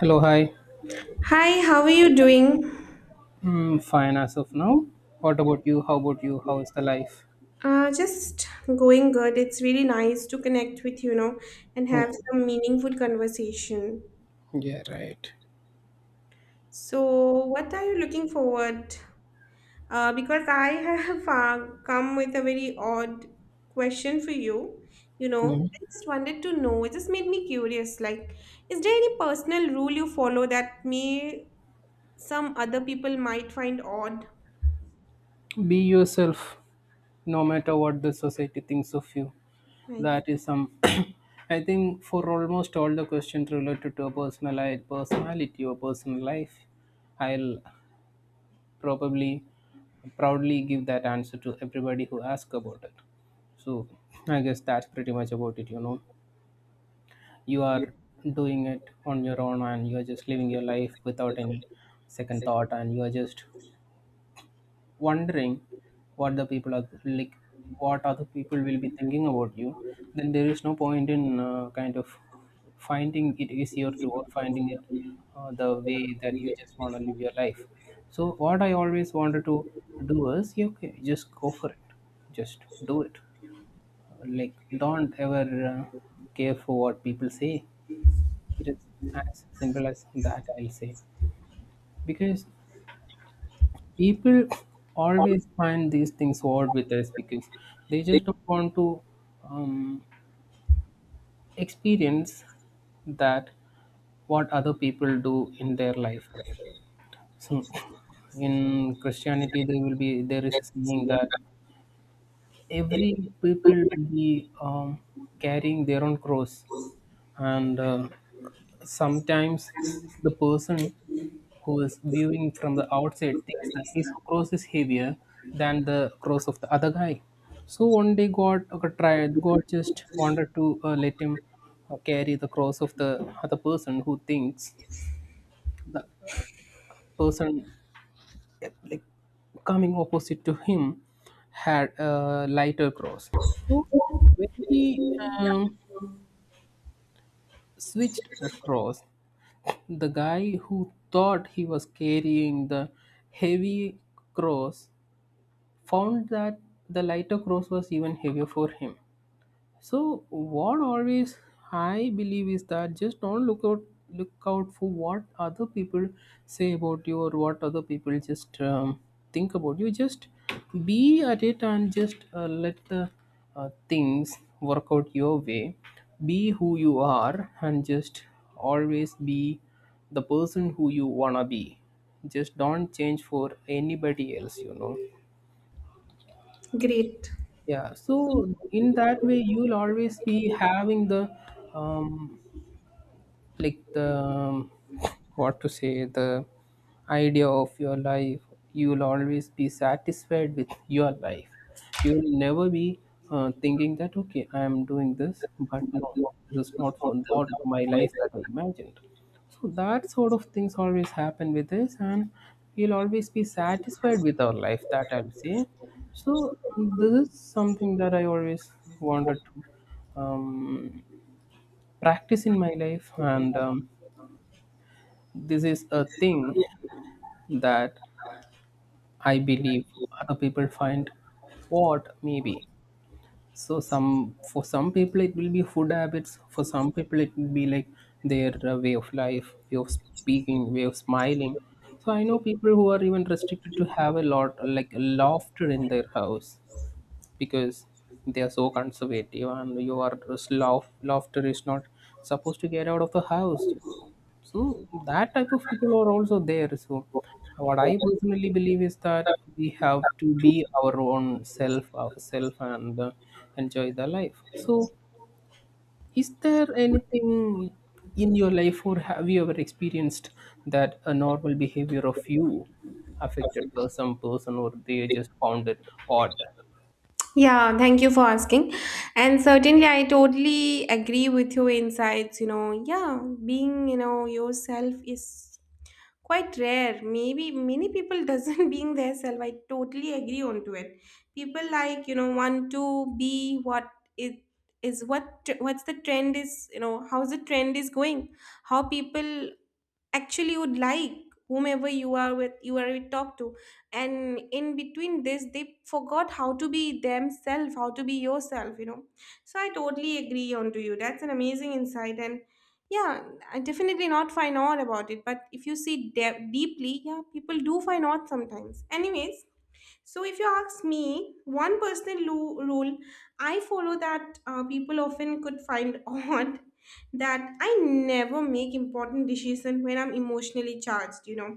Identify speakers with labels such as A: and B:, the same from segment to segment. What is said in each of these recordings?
A: Hello, hi.
B: Hi, how are you doing?
A: Mm, fine as of now. What about you? How about you? How is the life?
B: Just going good. It's really nice to connect with and have
A: Yeah,
B: some meaningful conversation.
A: yeah right.
B: So, what are you looking forward? Because I have come with a very odd question for you. You know,
A: Mm.
B: I just wanted to know. It just made me curious. Like, is there any personal rule you follow that may some other people might find odd?
A: Be yourself, no matter what the society thinks of you.
B: Nice.
A: That is some. I think for almost all the questions related to a personal life, personality or personal life, I'll probably proudly give that answer to everybody who asks about it. So I guess that's pretty much about it, you know. You are doing it on your own, and you are just living your life without any second thought, and you are just wondering what the people are like, what other people will be thinking about you. Then there is no point in kind of finding it easier to, or finding it the way that you just want to live your life. So what I always wanted to do is, you okay, just go for it, just do it. Like, don't ever uh, care for what people say. It is as simple as that, I'll say. Because people always find these things odd with us, because they just don't want to um, experience that, what other people do in their life, right? So in Christianity, there will be there is a saying that every people will be carrying their own cross. And sometimes the person who is viewing from the outside thinks that his cross is heavier than the cross of the other guy. So one day God okay, tried, God just wanted to let him carry the cross of the other person, who thinks the person coming opposite to him had a lighter cross. So when he um, switched the cross, the guy who thought he was carrying the heavy cross found that the lighter cross was even heavier for him. So what always I believe is that just don't look out for what other people say about you, or what other people just think about you. Just be at it, and just let the things work out your way. Be who you are, and just always be the person who you wanna be. Just don't change for anybody else. You know
B: Great.
A: yeah so in that way, you'll always be having the um, like the what to say, the idea of your life. You will always be satisfied with your life. You will never be thinking that, okay, I am doing this, but no, this is not for, not my life that I imagined. So that sort of things always happen with us, and we'll always be satisfied with our life, that I'll say. So this is something that I always wanted to um, practice in my life, and this is a thing that I believe other people find, what maybe. So some, for some people it will be food habits. For some people it will be like their way of life, way of speaking, way of smiling. So I know people who are even restricted to have a lot, like a lofted in their house, because they are so conservative, and you are lofter is not supposed to get out of the house. So that type of people are also there. So what I personally believe is that we have to be our own self, ourself, and enjoy the life. So is there anything in your life, or have you ever experienced that a normal behavior of you affected by some person, or they just found it odd?
B: Yeah, thank you for asking. And certainly, I totally agree with your insights. You know, yeah, being, yourself is quite rare. Maybe many people doesn't being their self. I totally agree on to it. People like, want to be what it is, what what's the trend is, how's the trend is going, how people actually would like whomever you are with, talk to. And in between this they forgot how to be themselves, how to be yourself, you know. So I totally agree on to you. That's an amazing insight, and yeah. I definitely not find out about it, but if you see deeply, yeah, people do find out sometimes. Anyways, so if you ask me, one personal rule I follow that people often could find odd, that I never make important decision when I'm emotionally charged. You know,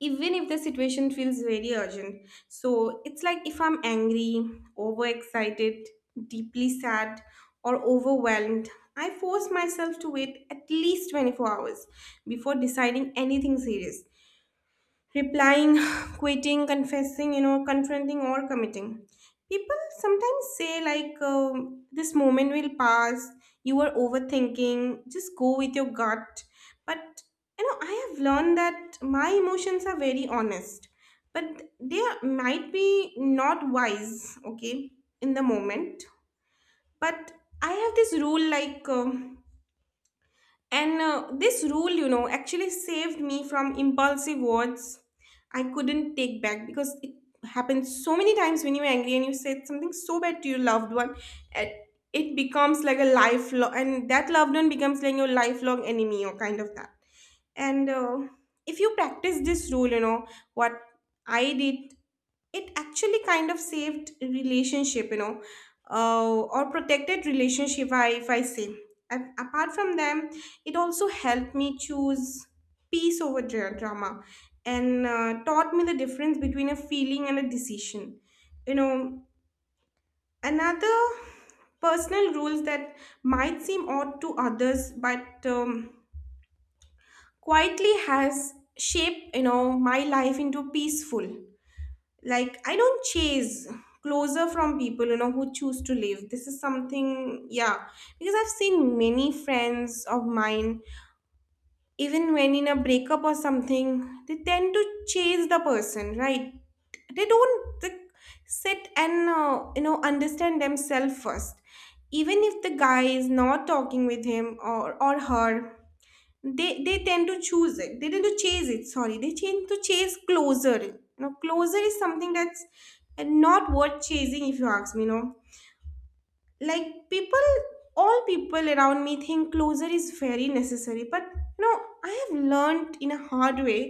B: even if the situation feels very urgent. So it's like, if I'm angry, overexcited, deeply sad, or overwhelmed, I force myself to wait at least 24 hours before deciding anything serious: replying, quitting, confessing, you know, confronting or committing. People sometimes say, like, this moment will pass, you are overthinking, just go with your gut. But, you know, I have learned that my emotions are very honest, but might be not wise, okay, in the moment. But I have this rule like, and this rule, you know, actually saved me from impulsive words I couldn't take back, because it happens so many times when you're angry and you said something so bad to your loved one, it, it becomes like a lifelong, and that loved one becomes like your lifelong enemy or kind of that. And if you practice this rule, you know, what I did, it actually kind of saved relationship, you know, or protected relationship, if I say. Apart from them, it also helped me choose peace over drama, and taught me the difference between a feeling and a decision, you know. Another personal rules that might seem odd to others but, quietly has shaped, you know, my life into peaceful. Like, I don't chase closer from people, you know, who choose to leave. This is something, yeah, because I've seen many friends of mine, even when in a breakup or something, they tend to chase the person, right? They don't, like, sit and you know, understand themselves first. Even if the guy is not talking with him or her, they tend to choose it, they tend to chase it, sorry, they tend to chase closer. You know, closer is something that's not worth chasing, if you ask me, you know. Like, people, all people around me think closure is very necessary, but, you know, I have learned in a hard way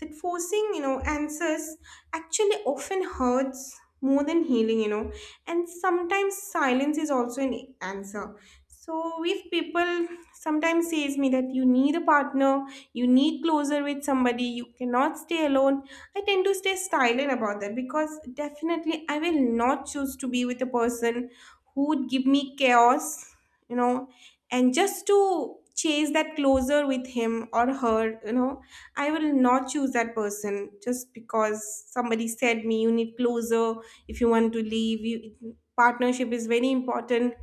B: that forcing, you know, answers actually often hurts more than healing, you know. And sometimes silence is also an answer. So if people sometimes says me that you need a partner, you need closure with somebody, you cannot stay alone, I tend to stay silent about that, because definitely I will not choose to be with a person who would give me chaos, you know, and just to chase that closer with him or her, you know, I will not choose that person just because somebody said me you need closer. If you want to leave. You, partnership is very important.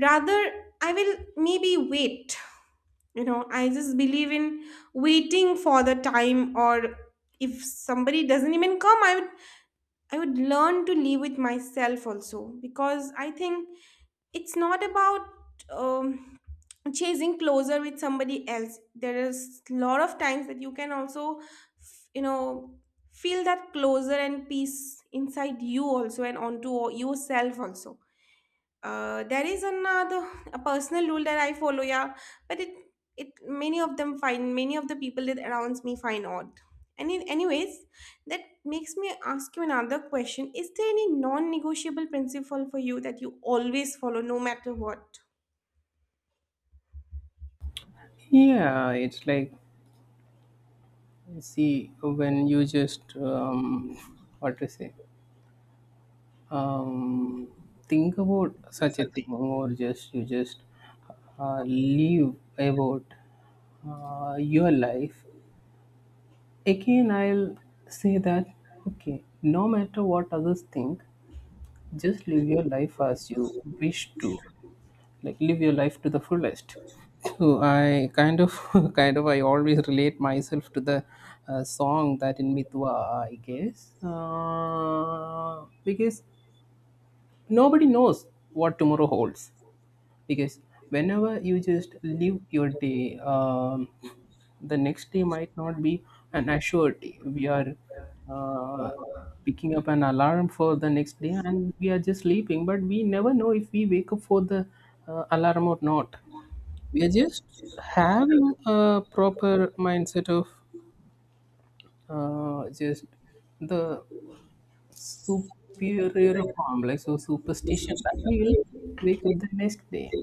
B: Rather, I will maybe wait. You know, I just believe in waiting for the time, or if somebody doesn't even come, I would learn to live with myself also, because I think it's not about, um, chasing closer with somebody else. There is a lot of times that you can also, you know, feel that closer and peace inside you also and onto yourself also. There is another a personal rule that I follow, yeah, but it, many of them find, many of the people that around me find odd. And anyways, that makes me ask you another question: is there any non-negotiable principle for you that you always follow, no matter what?
A: Yeah, it's like, see, when you just what to say, um, think about such a thing, or just you just leave about your life, again, I'll say that, okay, no matter what others think, just live your life as you wish to, like live your life to the fullest. So I kind of kind of I always relate myself to the song that in mitwa, I guess, because nobody knows what tomorrow holds. Because whenever you just live your day, the next day might not be an assured day. We are uh, picking up an alarm for the next day, and we are just sleeping, but we never know if we wake up for the alarm or not. We are just having a proper mindset of just the superior complex or superstition that we will wake up the next day.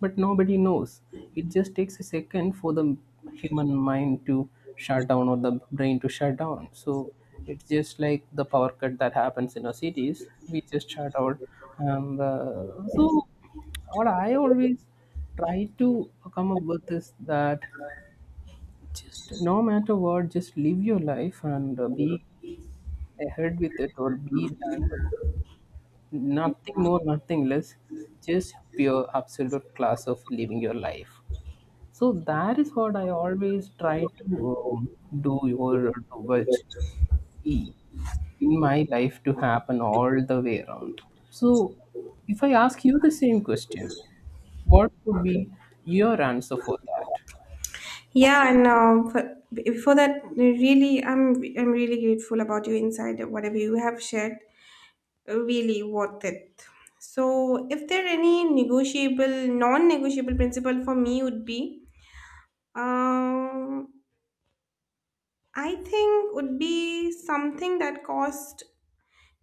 A: But nobody knows. It just takes a second for the human mind to shut down, or the brain to shut down. So it's just like the power cut that happens in our cities. We just shut out. And so, what I always try to come up with is that, just no matter what, just live your life, and be ahead with it, or be done with, nothing more nothing less, just pure absolute class of living your life. So that is what I always try to do, or to watch, see in my life to happen all the way around. So if I ask you the same question, what would be your answer for that?
B: Yeah, and for that, really, I'm really grateful about your insight. Whatever you have shared, really worth it. So, if there any non-negotiable principle for me would be, Um, I think would be something that cost,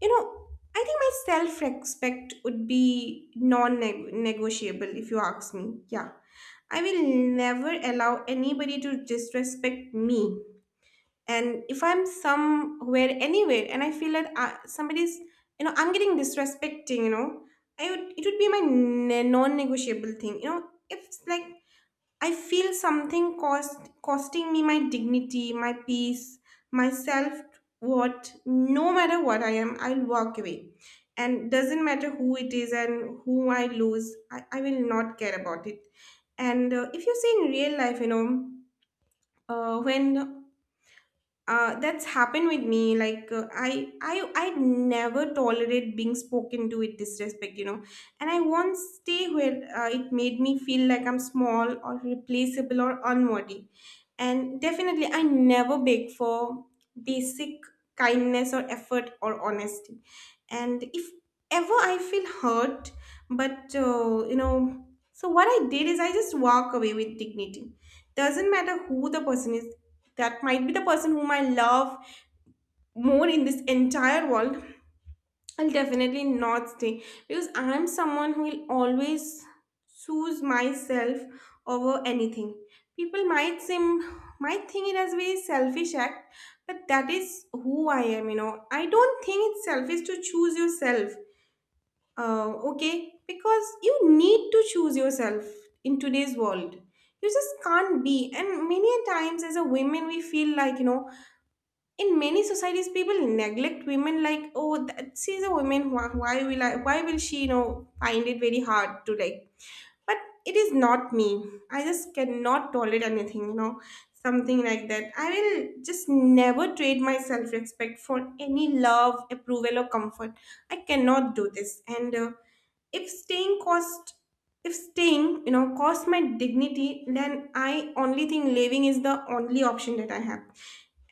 B: you know, I think my self-respect would be non-negotiable, if you ask me. Yeah. I will never allow anybody to disrespect me. And if I'm somewhere, anywhere, and I feel that, somebody's, you know, I'm getting disrespecting, you know, it would be my non-negotiable thing. You know, if it's like I feel something costing me my dignity, my peace, my self worth. No matter what I am, I'll walk away. And doesn't matter who it is and who I lose, I will not care about it. And if you see in real life, you know, when that's happened with me, like I never tolerate being spoken to with disrespect, you know, and I won't stay where it made me feel like I'm small or replaceable or unworthy. And definitely I never beg for basic kindness or effort or honesty. And if ever I feel hurt, but you know, so what I did is I just walk away with dignity. Doesn't matter who the person is. That might be the person whom I love more in this entire world. I'll definitely not stay, because I'm someone who will always choose myself over anything. People might think it as a very selfish act, but that is who I am, you know. I don't think it's selfish to choose yourself. Okay, because you need to choose yourself in today's world. You just can't be. And many a times, as a women, we feel like, you know, in many societies, people neglect women, like, oh, that, she's a woman. Why, why will she, you know, find it very hard to like? But it is not me. I just cannot tolerate anything, you know, something like that. I will just never trade my self respect for any love, approval, or comfort. I cannot do this. And if staying cost, if staying, you know, cost my dignity, then I only think leaving is the only option that I have.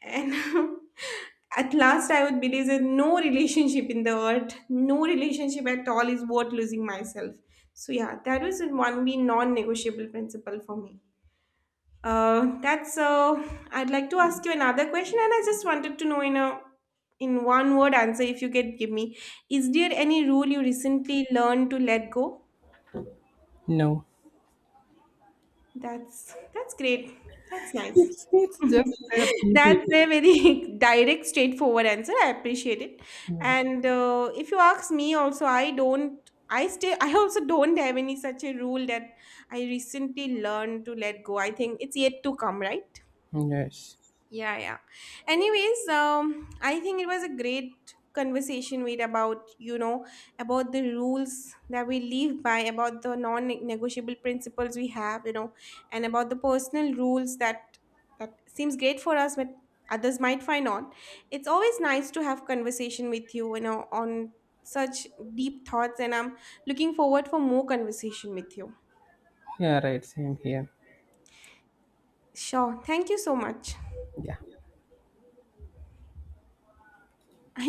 B: And at last, I would believe that no relationship in the earth, no relationship at all is worth losing myself. So yeah, that was one be non-negotiable principle for me. That's so. I'd like to ask you another question, and I just wanted to know in a in one word answer if you could give me. Is there any rule you recently learned to let go?
A: No.
B: That's great. That's nice.
A: It's, it's just that easy.
B: That's a very direct, straightforward answer. I appreciate it.
A: Yeah.
B: And if you ask me, also, I don't. I stay. I also don't have any such a rule that I recently learned to let go. I think it's yet to come, right?
A: Yes.
B: Yeah, yeah. Anyways, I think it was a great conversation with about, you know, about the rules that we live by, about the non-negotiable principles we have, you know, and about the personal rules that seems great for us, but others might find odd. It's always nice to have conversation with you, you know, on such deep thoughts, and I'm looking forward for more conversation with you.
A: Yeah, right, same here.
B: Sure. Thank you so much.
A: Yeah.